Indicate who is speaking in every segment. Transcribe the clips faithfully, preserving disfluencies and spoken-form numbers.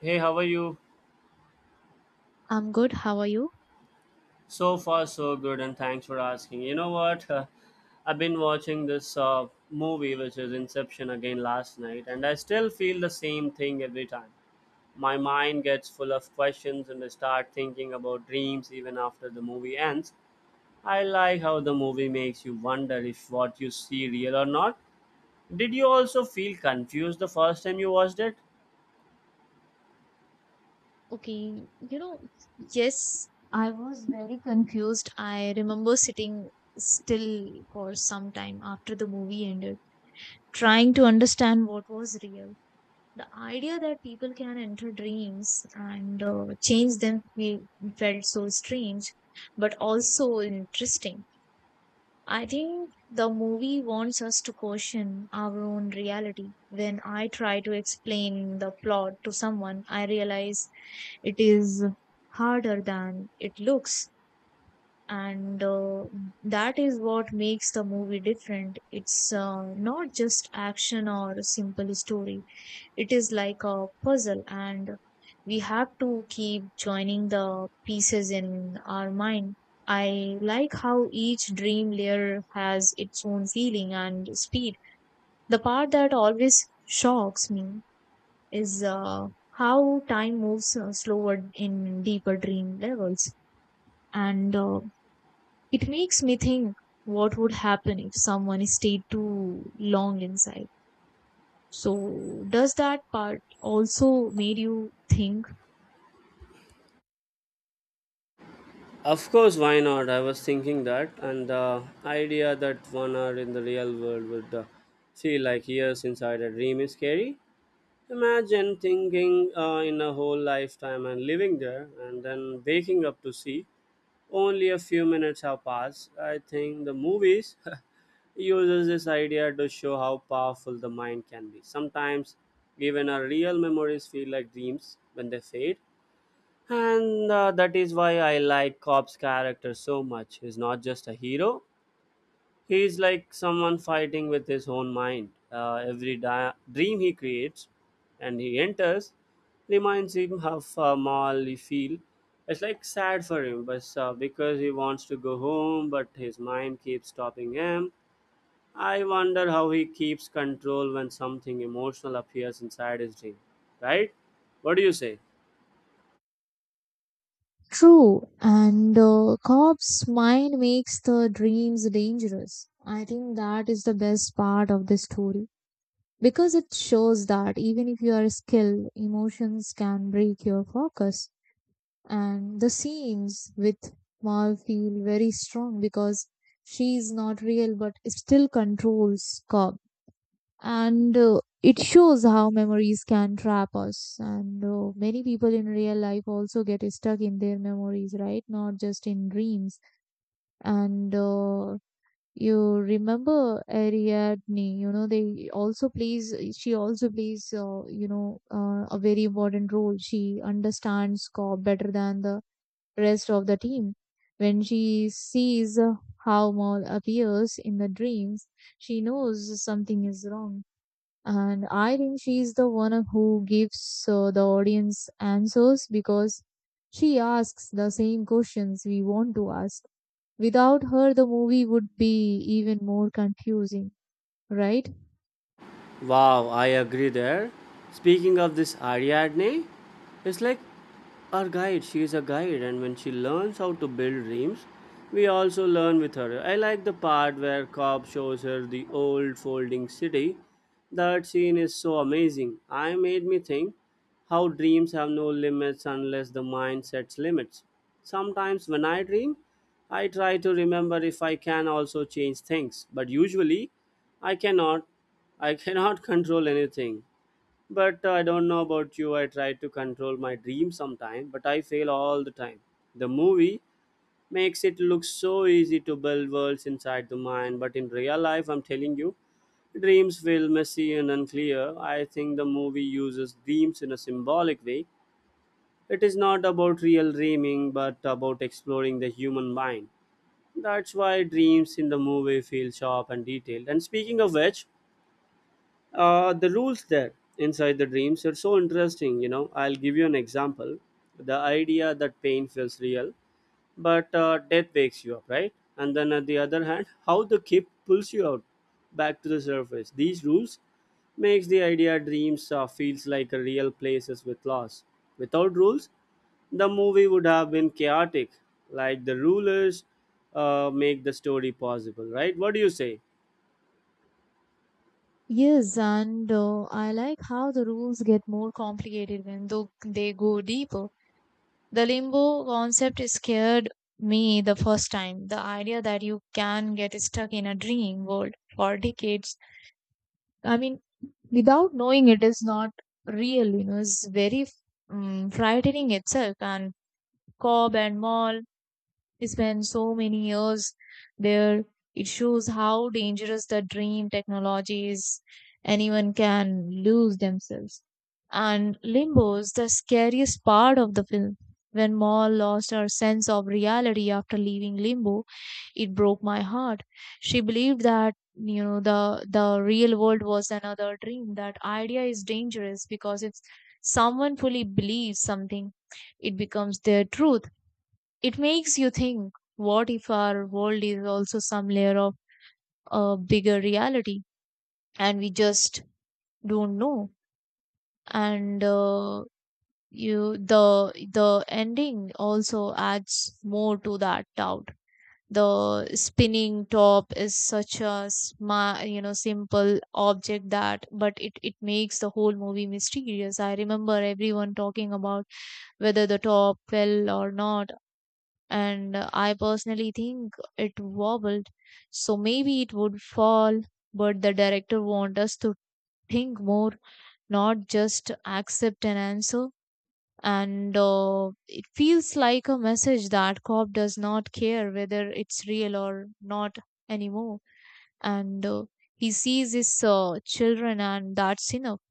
Speaker 1: Hey, how are you?
Speaker 2: I'm good. How are you?
Speaker 1: So far, so good, and thanks for asking. You know what? Uh, I've been watching this uh, movie, which is Inception, again last night, and I still feel the same thing every time. My mind gets full of questions, and I start thinking about dreams even after the movie ends. I like how the movie makes you wonder if what you see real or not. Did you also feel confused the first time you watched it?
Speaker 2: Okay, you know, yes, I was very confused. I remember sitting still for some time after the movie ended, trying to understand what was real. The idea that people can enter dreams and uh, change them fe- felt so strange, but also interesting. I think the movie wants us to question our own reality. When I try to explain the plot to someone, I realize it is harder than it looks, and uh, that is what makes the movie different. It's uh, not just action or a simple story, it is like a puzzle, and we have to keep joining the pieces in our mind. I like how each dream layer has its own feeling and speed. The part that always shocks me is uh, how time moves uh, slower in deeper dream levels. And uh, it makes me think what would happen if someone stayed too long inside. So, does that part also made you think?
Speaker 1: Of course, why not? I was thinking that, and the idea that one hour in the real world would uh, feel like years inside a dream is scary. Imagine thinking uh, in a whole lifetime and living there, and then waking up to see only a few minutes have passed. I think the movies uses this idea to show how powerful the mind can be. Sometimes, even our real memories feel like dreams when they fade, and uh, that is why I like Cop's character so much. He's not just a hero, he's like someone fighting with his own mind. Uh, every di- dream he creates and he enters reminds him of uh, he Field. It's like sad for him, but uh, because he wants to go home, but his mind keeps stopping him. I wonder how he keeps control when something emotional appears inside his dream, right? What do you say?
Speaker 2: True, and the corpse mind makes the dreams dangerous. I think that is the best part of the story because it shows that even if you are skilled, emotions can break your focus, and the scenes with Mal feel very strong because she is not real but still controls Cobb. And uh, it shows how memories can trap us. And uh, many people in real life also get stuck in their memories, right? Not just in dreams. And uh, you remember Ariadne, you know, they also plays, she also plays, uh, you know, uh, a very important role. She understands Cobb better than the rest of the team. When she sees how Maul appears in the dreams, she knows something is wrong. And I think she is the one who gives uh, the audience answers because she asks the same questions we want to ask. Without her, the movie would be even more confusing, right?
Speaker 1: Wow, I agree there. Speaking of this Ariadne, it's like our guide. She is a guide, and when she learns how to build dreams, we also learn with her. I like the part where Cobb shows her the old folding city. That scene is so amazing. I made me think how dreams have no limits unless the mind sets limits. Sometimes when I dream, I try to remember if I can also change things, but usually I cannot I cannot control anything. But uh, I don't know about you. I try to control my dream sometime, but I fail all the time. The movie makes it look so easy to build worlds inside the mind, but in real life, I'm telling you, dreams feel messy and unclear. I think the movie uses dreams in a symbolic way. It is not about real dreaming, but about exploring the human mind. That's why dreams in the movie feel sharp and detailed. And speaking of which, uh, the rules there inside the dreams are so interesting. you know I'll give you an example. The idea that pain feels real, but uh, death wakes you up, right? And then at the other hand, how the kip pulls you out back to the surface, these rules makes the idea dreams uh, feels like a real places with loss. Without rules, the movie would have been chaotic, like the rulers uh, make the story possible, right? What do you say?
Speaker 2: Yes, and uh, I like how the rules get more complicated when though they go deeper. The limbo concept scared me the first time. The idea that you can get stuck in a dream world for decades. I mean, without knowing it is not real, you know, is very um, frightening itself. And Cobb and Mall spent so many years there. It shows how dangerous the dream technology is. Anyone can lose themselves. And limbo is the scariest part of the film. When Maul lost her sense of reality after leaving limbo, it broke my heart. She believed that you know the the real world was another dream. That idea is dangerous because if someone fully believes something, it becomes their truth. It makes you think what if our world is also some layer of a bigger reality and we just don't know? And uh, you the the ending also adds more to that doubt. The spinning top is such a smart, you know, simple object that, but it, it makes the whole movie mysterious. I remember everyone talking about whether the top fell or not, and uh, I personally think it wobbled, so maybe it would fall. But the director wants us to think more, not just accept an answer. And uh, it feels like a message that cop does not care whether it's real or not anymore. And uh, he sees his uh, children, and that's enough.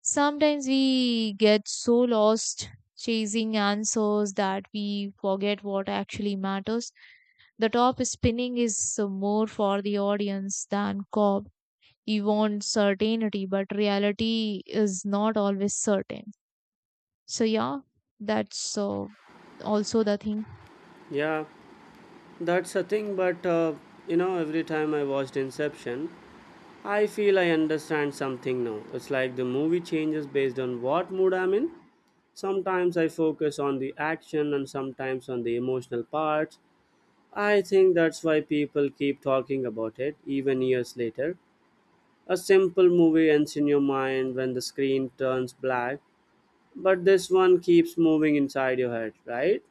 Speaker 2: Sometimes we get so lost chasing answers that we forget what actually matters. The top spinning is more for the audience than Cobb. You want certainty, but reality is not always certain. So, yeah, that's uh, also the thing.
Speaker 1: Yeah. That's a thing, but uh, you know, every time I watched Inception, I feel I understand something now. It's like the movie changes based on what mood I'm in. Sometimes I focus on the action and sometimes on the emotional parts. I think that's why people keep talking about it, even years later. A simple movie ends in your mind when the screen turns black, but this one keeps moving inside your head, right?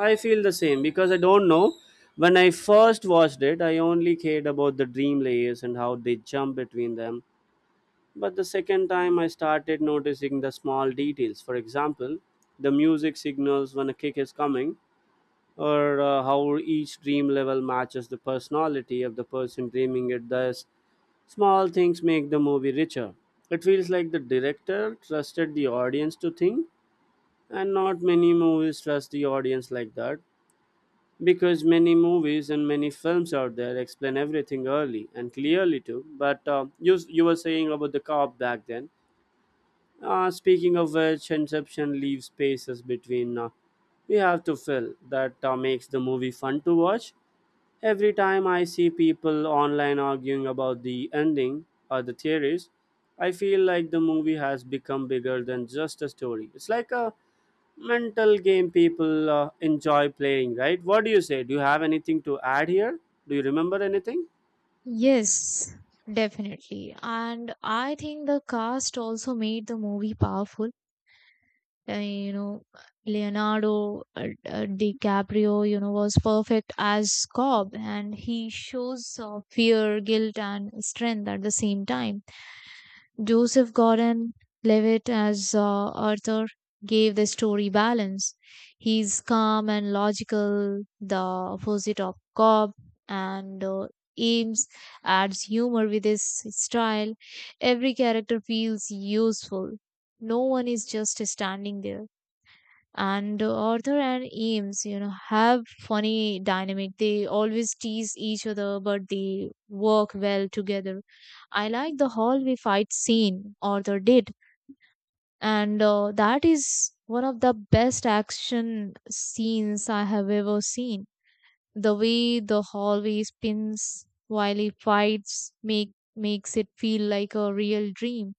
Speaker 1: I feel the same because I don't know. When I first watched it, I only cared about the dream layers and how they jump between them. But the second time, I started noticing the small details. For example, the music signals when a kick is coming, or uh, how each dream level matches the personality of the person dreaming it. Thus, small things make the movie richer. It feels like the director trusted the audience to think, and not many movies trust the audience like that, because many movies and many films out there explain everything early and clearly too. But uh, you, you were saying about the cop back then. Uh, speaking of which, Inception leaves spaces between, uh, we have to fill that, uh, makes the movie fun to watch. Every time I see people online arguing about the ending or the theories, I feel like the movie has become bigger than just a story. It's like a mental game people uh, enjoy playing, right? What do you say? Do you have anything to add here? Do you remember anything?
Speaker 2: Yes, definitely. And I think the cast also made the movie powerful. Uh, you know, Leonardo uh, uh, DiCaprio, you know, was perfect as Cobb, and he shows uh, fear, guilt, and strength at the same time. Joseph Gordon Levitt as uh, Arthur gave the story balance. He's calm and logical, the opposite of Cobb, and uh, Ames adds humor with his style. Every character feels useful. No one is just standing there, and uh, Arthur and Ames, you know, have funny dynamic. They always tease each other, but they work well together. I like the hallway fight scene Arthur did, and uh, that is one of the best action scenes I have ever seen. The way the hallway spins while he fights make makes it feel like a real dream.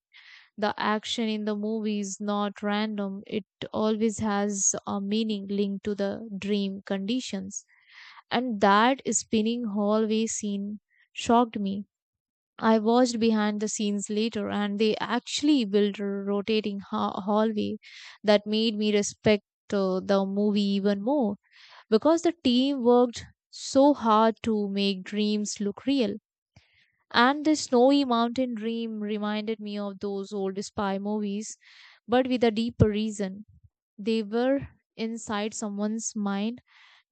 Speaker 2: The action in the movie is not random, it always has a meaning linked to the dream conditions, and that spinning hallway scene shocked me. I watched behind the scenes later, and they actually built a rotating ha- hallway. That made me respect uh, the movie even more because the team worked so hard to make dreams look real. And the snowy mountain dream reminded me of those old spy movies, but with a deeper reason. They were inside someone's mind,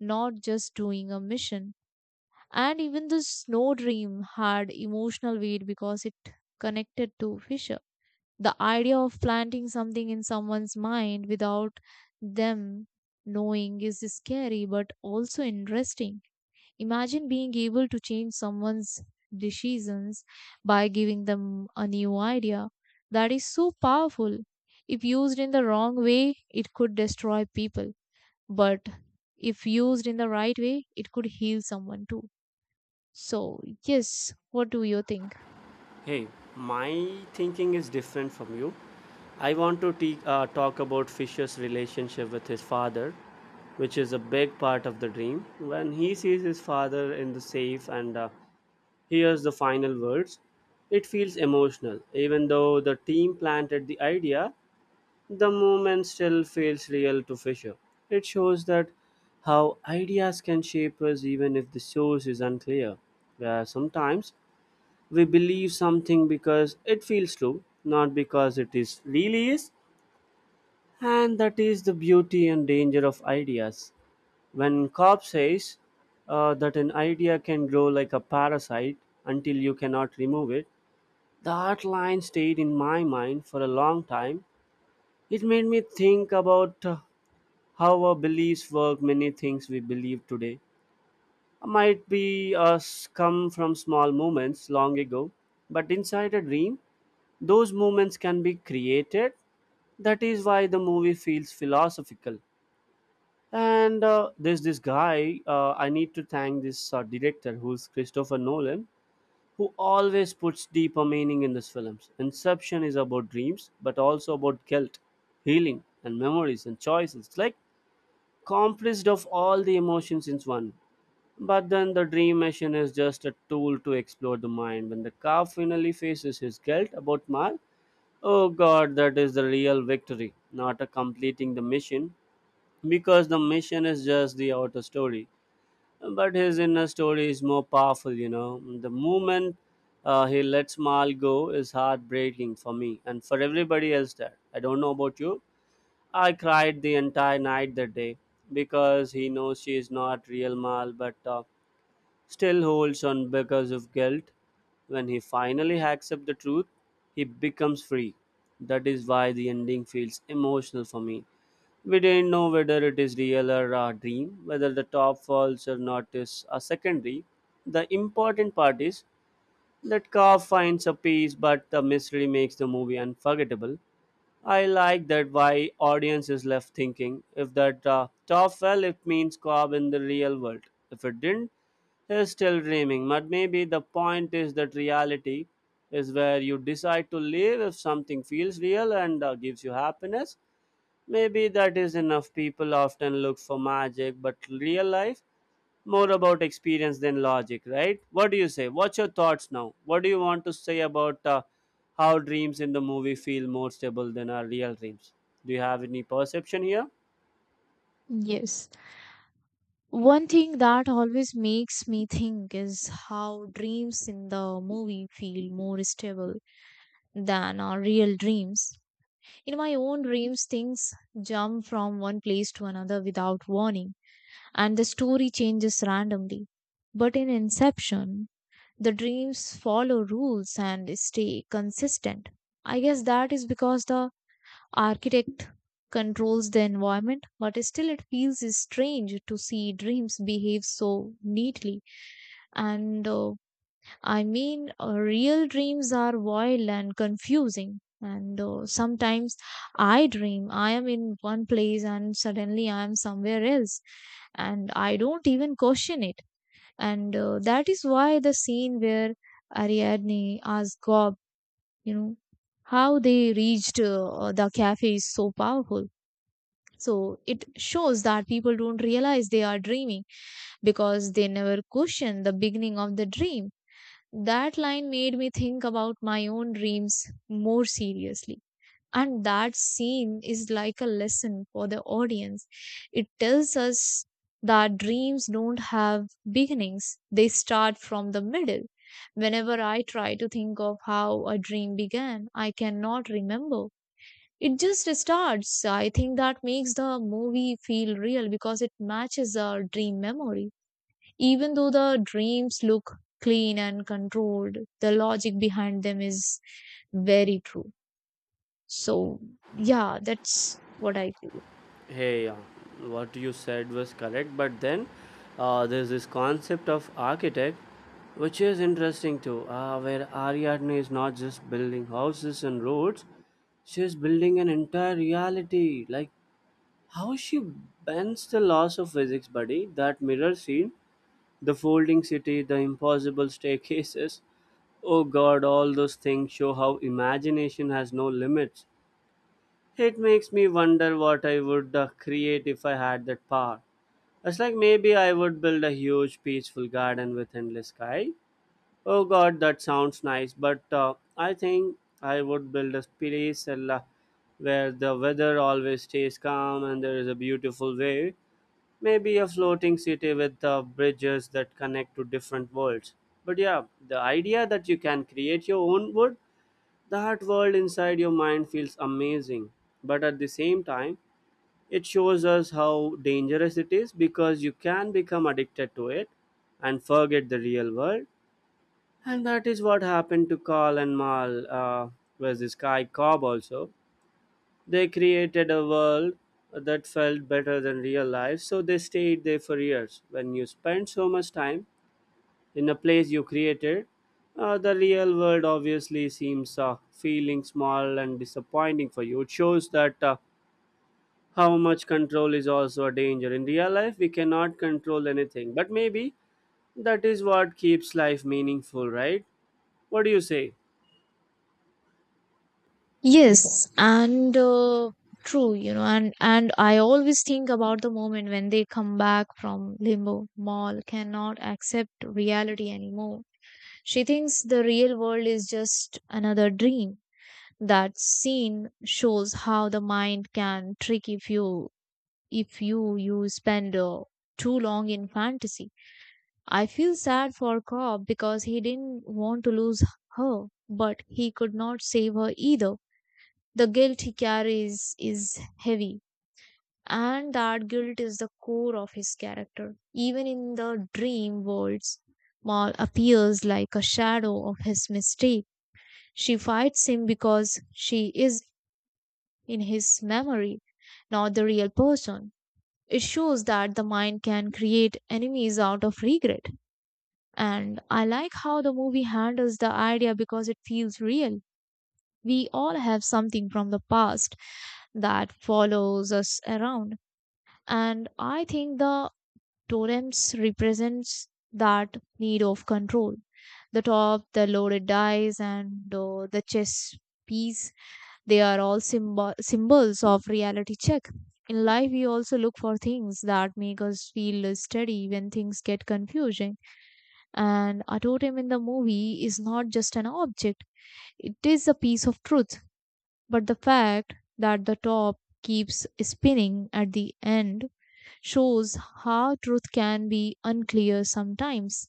Speaker 2: not just doing a mission. And even the snow dream had emotional weight because it connected to Fisher. The idea of planting something in someone's mind without them knowing is scary but also interesting. Imagine being able to change someone's decisions by giving them a new idea. That is so powerful. If used in the wrong way, it could destroy people, but if used in the right way, it could heal someone too. So, yes, what do you think?
Speaker 1: Hey, my thinking is different from you. I want to te- uh, talk about Fisher's relationship with his father, which is a big part of the dream. When he sees his father in the safe and uh, hears the final words, it feels emotional. Even though the team planted the idea, the moment still feels real to Fisher. It shows that how ideas can shape us even if the source is unclear. Where sometimes we believe something because it feels true, not because it is really is. And that is the beauty and danger of ideas. When Cobb says uh, that an idea can grow like a parasite until you cannot remove it, that line stayed in my mind for a long time. It made me think about uh, how our beliefs work. Many things we believe today might be us come from small moments long ago, but inside a dream, those moments can be created. That is why the movie feels philosophical. And uh, there's this guy, uh, I need to thank this uh, director, who's Christopher Nolan, who always puts deeper meaning in his films. Inception is about dreams, but also about guilt, healing, and memories, and choices. It's like compressed of all the emotions in one, but then the dream machine is just a tool to explore the mind when the car finally faces his guilt about Mal. Oh god, that is the real victory, not a completing the mission, because the mission is just the outer story. But his inner story is more powerful, you know. The moment uh, he lets Mal go is heartbreaking for me and for everybody else there. I don't know about you. I cried the entire night that day because he knows she is not real Mal, but uh, still holds on because of guilt. When he finally accepts the truth, he becomes free. That is why the ending feels emotional for me. We didn't know whether it is real or a dream, whether the top falls or not is a secondary. The important part is that Letkov finds a peace, but the mystery makes the movie unforgettable. I like that why audience is left thinking. If that uh, top fell, it means Cobb in the real world. If it didn't, he's still dreaming. But maybe the point is that reality is where you decide to live if something feels real and uh, gives you happiness. Maybe that is enough. People often look for magic, but real life more about experience than logic, right? What do you say? What's your thoughts now? What do you want to say about uh, how dreams in the movie feel more stable than our real dreams? Do you have any perception here?
Speaker 2: Yes. One thing that always makes me think is how dreams in the movie feel more stable than our real dreams. In my own dreams, things jump from one place to another without warning, and the story changes randomly. But in Inception, the dreams follow rules and stay consistent. I guess that is because the architect controls the environment, but still it feels strange to see dreams behave so neatly, and uh, I mean, uh, real dreams are wild and confusing. And uh, sometimes I dream I am in one place and suddenly I am somewhere else, and I don't even question it. And uh, that is why the scene where Ariadne asks Gob, you know, how they reached uh, the cafe is so powerful. So it shows that people don't realize they are dreaming because they never question the beginning of the dream. That line made me think about my own dreams more seriously. And that scene is like a lesson for the audience. It tells us that dreams don't have beginnings, they start from the middle. Whenever I try to think of how a dream began, I cannot remember. It just starts. I think that makes the movie feel real because it matches our dream memory. Even though the dreams look clean and controlled, the logic behind them is very true. So, yeah, that's what I feel.
Speaker 1: Hey, uh, what you said was correct, but then uh, there's this concept of architect, which is interesting too, uh, where Ariadne is not just building houses and roads, she's building an entire reality. Like, how she bends the laws of physics, buddy, that mirror scene, the folding city, the impossible staircases. Oh god, all those things show how imagination has no limits. It makes me wonder what I would uh, create if I had that power. It's like maybe I would build a huge, peaceful garden with endless sky. Oh god, that sounds nice, but uh, I think I would build a place uh, la- where the weather always stays calm and there is a beautiful wave, maybe a floating city with uh, bridges that connect to different worlds. But yeah, the idea that you can create your own world, that world inside your mind feels amazing, but at the same time, it shows us how dangerous it is because you can become addicted to it and forget the real world. And that is what happened to Carl and Mal, uh, was this guy Cobb also. They created a world that felt better than real life, so they stayed there for years. When you spend so much time in a place you created, uh, the real world obviously seems uh, feeling small and disappointing for you. It shows that uh, how much control is also a danger. In real life, we cannot control anything, but maybe that is what keeps life meaningful, right? What do you say?
Speaker 2: Yes, and uh, true, you know, and and I always think about the moment when they come back from limbo. Mall cannot accept reality anymore. She thinks the real world is just another dream. That scene shows how the mind can trick if you if you you spend uh, too long in fantasy. I feel sad for Cobb because he didn't want to lose her, but he could not save her either. The guilt he carries is heavy, and that guilt is the core of his character. Even in the dream worlds, Maul appears like a shadow of his mistake. She fights him because she is, in his memory, not the real person. It shows that the mind can create enemies out of regret. And I like how the movie handles the idea because it feels real. We all have something from the past that follows us around. And I think the totems represents that need of control. The top, the loaded dice, and uh, the chess piece, they are all symbol- symbols of reality check. In life, we also look for things that make us feel steady when things get confusing. And a totem in the movie is not just an object, it is a piece of truth. But the fact that the top keeps spinning at the end shows how truth can be unclear sometimes.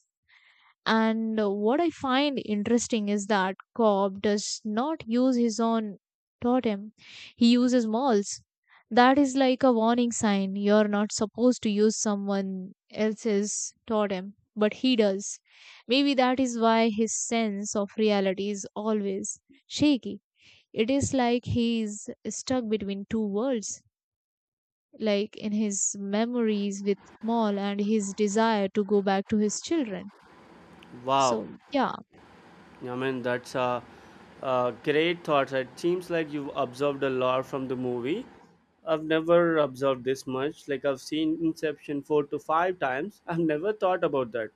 Speaker 2: And uh, what I find interesting is that Cobb does not use his own totem, he uses Maul's. That is like a warning sign. You're not supposed to use someone else's totem, but he does. Maybe that is why his sense of reality is always shaky. It is like he is stuck between two worlds, like in his memories with Maul and his desire to go back to his children.
Speaker 1: Wow.
Speaker 2: So, yeah.
Speaker 1: I mean, that's a, a great thought. It seems like you've observed a lot from the movie. I've never observed this much. Like, I've seen Inception four to five times. I've never thought about that.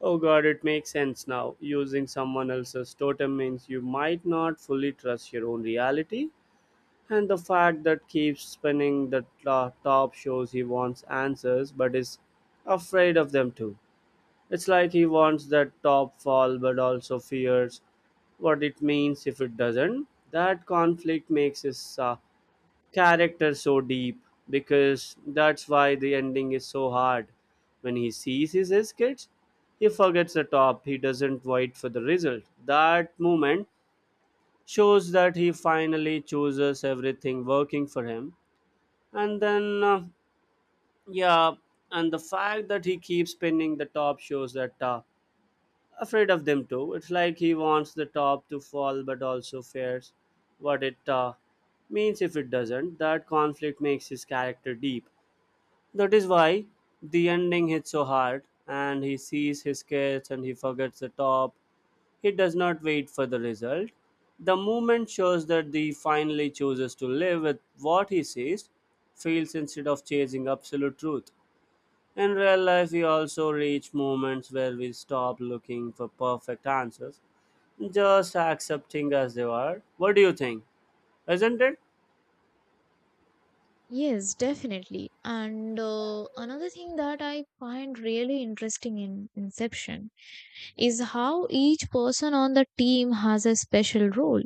Speaker 1: Oh god, it makes sense now. Using someone else's totem means you might not fully trust your own reality. And the fact that keeps spinning the t- top shows he wants answers but is afraid of them too. It's like he wants that top fall but also fears what it means if it doesn't. That conflict makes his uh, character so deep because that's why the ending is so hard. When he sees his, his kids, he forgets the top, he doesn't wait for the result. That moment shows that he finally chooses everything working for him. And then, uh, yeah, and the fact that he keeps pinning the top shows that uh, afraid of them too. It's like he wants the top to fall but also fears what it uh, means if it doesn't. That conflict makes his character deep. That is why the ending hits so hard and he sees his kids and he forgets the top. He does not wait for the result. The movement shows that he finally chooses to live with what he sees, feels instead of chasing absolute truth. In real life, we also reach moments where we stop looking for perfect answers, just accepting as they are. What do you think? Isn't it?
Speaker 2: Yes, definitely. And uh, another thing that I find really interesting in Inception is how each person on the team has a special role.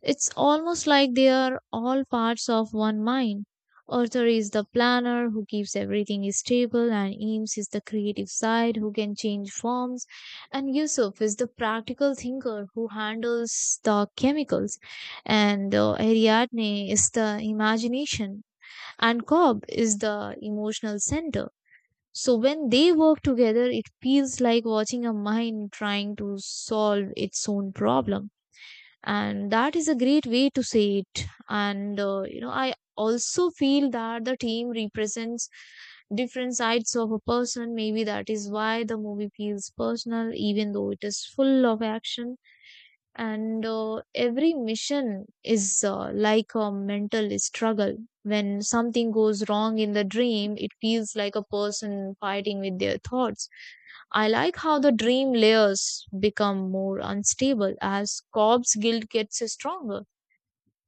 Speaker 2: It's almost like they are all parts of one mind. Arthur is the planner who keeps everything stable, and Eames is the creative side who can change forms, and Yusuf is the practical thinker who handles the chemicals, and uh, Ariadne is the imagination, and Cobb is the emotional center. So when they work together, it feels like watching a mind trying to solve its own problem. And that is a great way to say it. And, uh, you know, I also feel that the team represents different sides of a person. Maybe that is why the movie feels personal, even though it is full of action, and uh, every mission is uh, like a mental struggle. When something goes wrong in the dream, it feels like a person fighting with their thoughts. I like how the dream layers become more unstable as corpse guilt gets stronger,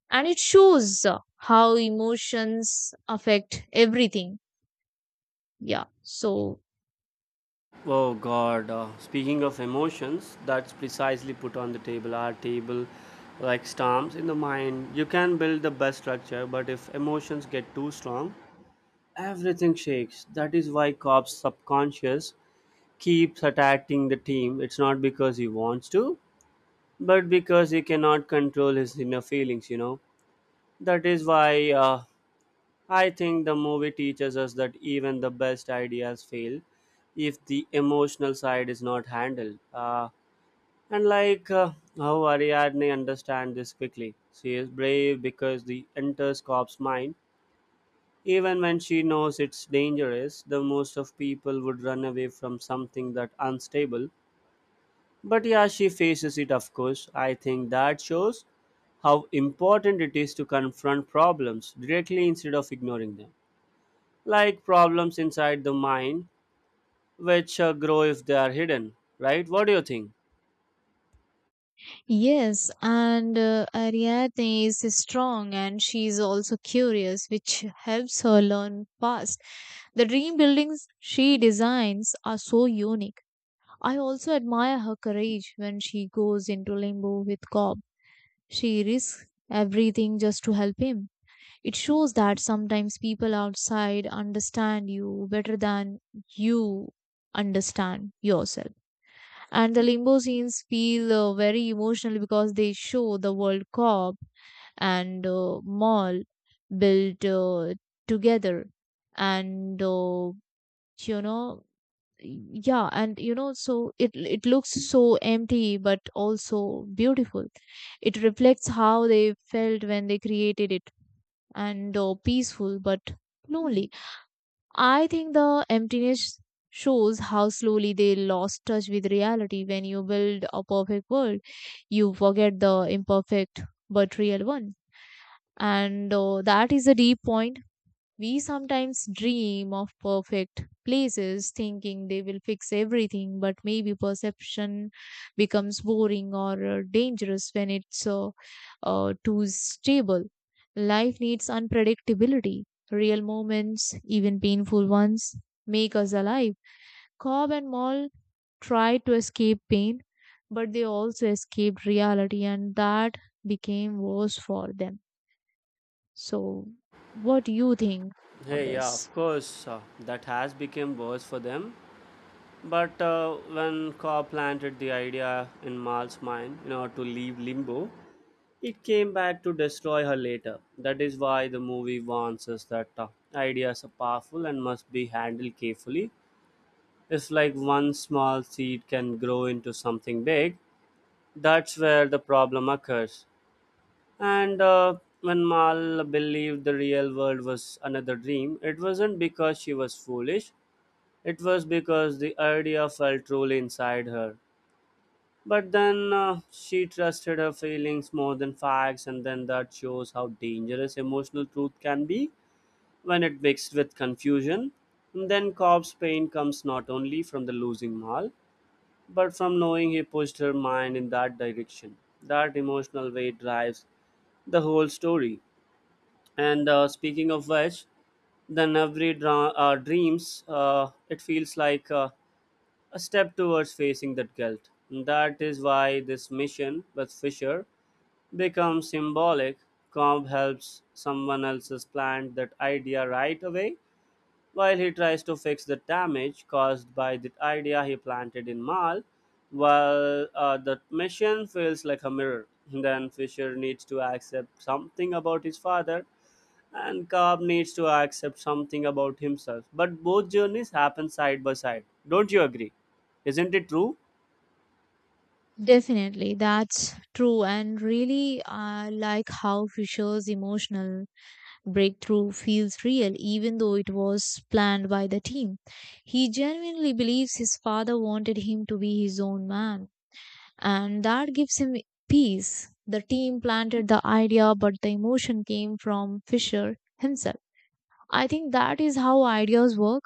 Speaker 2: and it shows uh, how emotions affect everything. Yeah, so.
Speaker 1: Oh God! Uh, speaking of emotions, that's precisely put on the table. Our table, like storms in the mind, you can build the best structure, but if emotions get too strong, everything shakes. That is why Cobb's subconscious keeps attacking the team. It's not because he wants to, but because he cannot control his inner feelings, you know. That is why uh, I think the movie teaches us that even the best ideas fail if the emotional side is not handled, uh, and like uh, how Ariadne understands this quickly. She is brave because the enters corp's mind even when she knows it's dangerous. The most of people would run away from something that unstable. But yeah, she faces it, of course. I think that shows how important it is to confront problems directly instead of ignoring them. Like problems inside the mind, which uh, grow if they are hidden, right? What do you think?
Speaker 2: Yes, and uh, Ariadne is strong and she is also curious, which helps her learn fast. The dream buildings she designs are so unique. I also admire her courage when she goes into limbo with Cobb. She risks everything just to help him. It shows that sometimes people outside understand you better than you understand yourself. And the limbo scenes feel uh, very emotional because they show the world Cop and uh, Mall built uh, together and uh, you know y- yeah. And you know so it it looks so empty but also beautiful. It reflects how they felt when they created it, and uh, peaceful but lonely. I think the emptiness shows how slowly they lost touch with reality. When you build a perfect world, you forget the imperfect but real one. And uh, that is a deep point. We sometimes dream of perfect places thinking they will fix everything, but maybe perception becomes boring or uh, dangerous when it's uh, uh, too stable. Life needs unpredictability. Real moments, even painful ones, make us alive. Cobb and Moll tried to escape pain, but they also escaped reality, and that became worse for them. So, what do you think on
Speaker 1: Hey, yeah, of
Speaker 2: this?
Speaker 1: course, uh, that has become worse for them. But uh, when Cobb planted the idea in Mal's mind, you know, to leave limbo, it came back to destroy her later. That is why the movie warns us that uh, ideas are powerful and must be handled carefully. It's like one small seed can grow into something big. That's where the problem occurs. And uh, when Mal believed the real world was another dream, it wasn't because she was foolish, it was because the idea felt truly inside her. But then uh, she trusted her feelings more than facts, and then that shows how dangerous emotional truth can be when it mixed with confusion. And then Cobb's pain comes not only from the losing Mal, but from knowing he pushed her mind in that direction. That emotional weight drives the whole story. And uh, speaking of which, then every dra- uh, dreams, uh, it feels like uh, a step towards facing that guilt. And that is why this mission with Fisher become symbolic. Cobb helps someone else's plant that idea right away while he tries to fix the damage caused by the idea he planted in Mal. While uh, the mission feels like a mirror, then Fisher needs to accept something about his father, and Cobb needs to accept something about himself. But both journeys happen side by side. Don't you agree? Isn't it true?
Speaker 2: Definitely, that's true, and really, I like how Fisher's emotional breakthrough feels real, even though it was planned by the team. He genuinely believes his father wanted him to be his own man, and that gives him peace. The team planted the idea, but the emotion came from Fisher himself. I think that is how ideas work.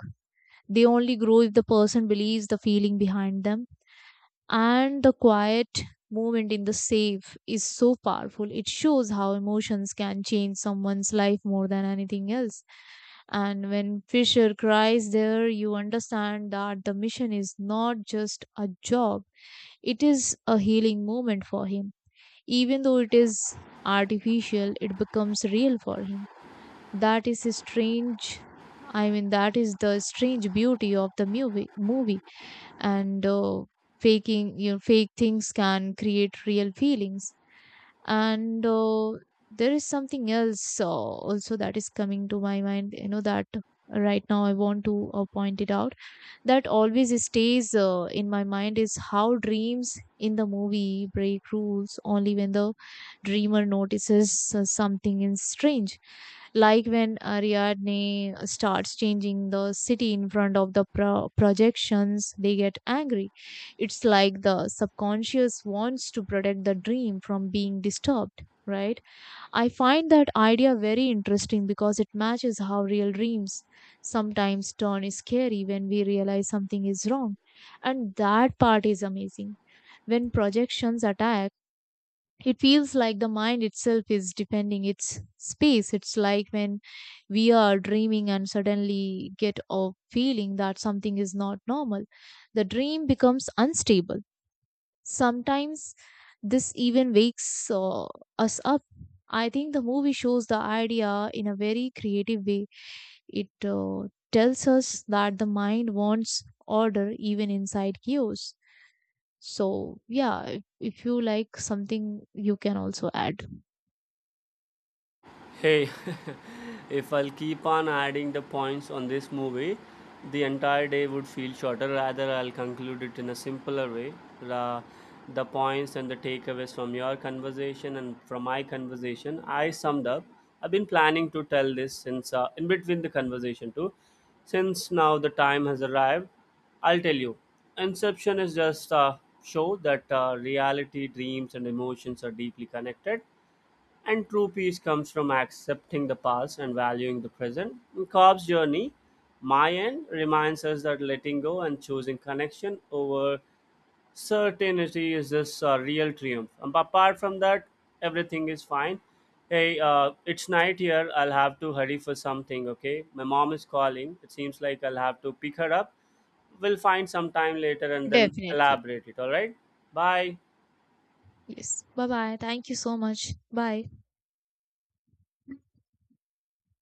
Speaker 2: They only grow if the person believes the feeling behind them. And the quiet moment in the safe is so powerful. It shows how emotions can change someone's life more than anything else. And when Fisher cries there, you understand that the mission is not just a job, it is a healing moment for him. Even though it is artificial, it becomes real for him. That is a strange, I mean, that is the strange beauty of the movie. movie and uh, Faking, you know fake things can create real feelings. And uh, There is something else uh, also that is coming to my mind, you know that right now I want to uh, point it out, that always stays uh, in my mind, is how dreams in the movie break rules only when the dreamer notices uh, something is strange. Like when Ariadne uh, starts changing the city in front of the pro- projections, they get angry. It's like the subconscious wants to protect the dream from being disturbed, right? I find that idea very interesting because it matches how real dreams sometimes turn scary when we realize something is wrong. And that part is amazing. When projections attack, it feels like the mind itself is defending its space. It's like when we are dreaming and suddenly get a feeling that something is not normal. The dream becomes unstable. Sometimes this even wakes uh, us up. I think the movie shows the idea in a very creative way. It uh, tells us that the mind wants order even inside chaos. So, yeah, if if you like something, you can also add.
Speaker 1: Hey, if I'll keep on adding the points on this movie, the entire day would feel shorter. Rather, I'll conclude it in a simpler way. Ra- the points and the takeaways from your conversation and from my conversation, I summed up. I've been planning to tell this since, uh, in between the conversation too. Since now the time has arrived, I'll tell you. Inception is just a show that uh, reality, dreams, and emotions are deeply connected and true peace comes from accepting the past and valuing the present. In Cobb's journey, Mayan reminds us that letting go and choosing connection over certainty is this uh, real triumph. And apart from that, everything is fine. Hey, uh, it's night here. I'll have to hurry for something, okay? My mom is calling. It seems like I'll have to pick her up. We'll find some time later and then
Speaker 2: Definitely.
Speaker 1: elaborate it, all right? Bye.
Speaker 2: Yes. Bye bye. Thank you so much. Bye.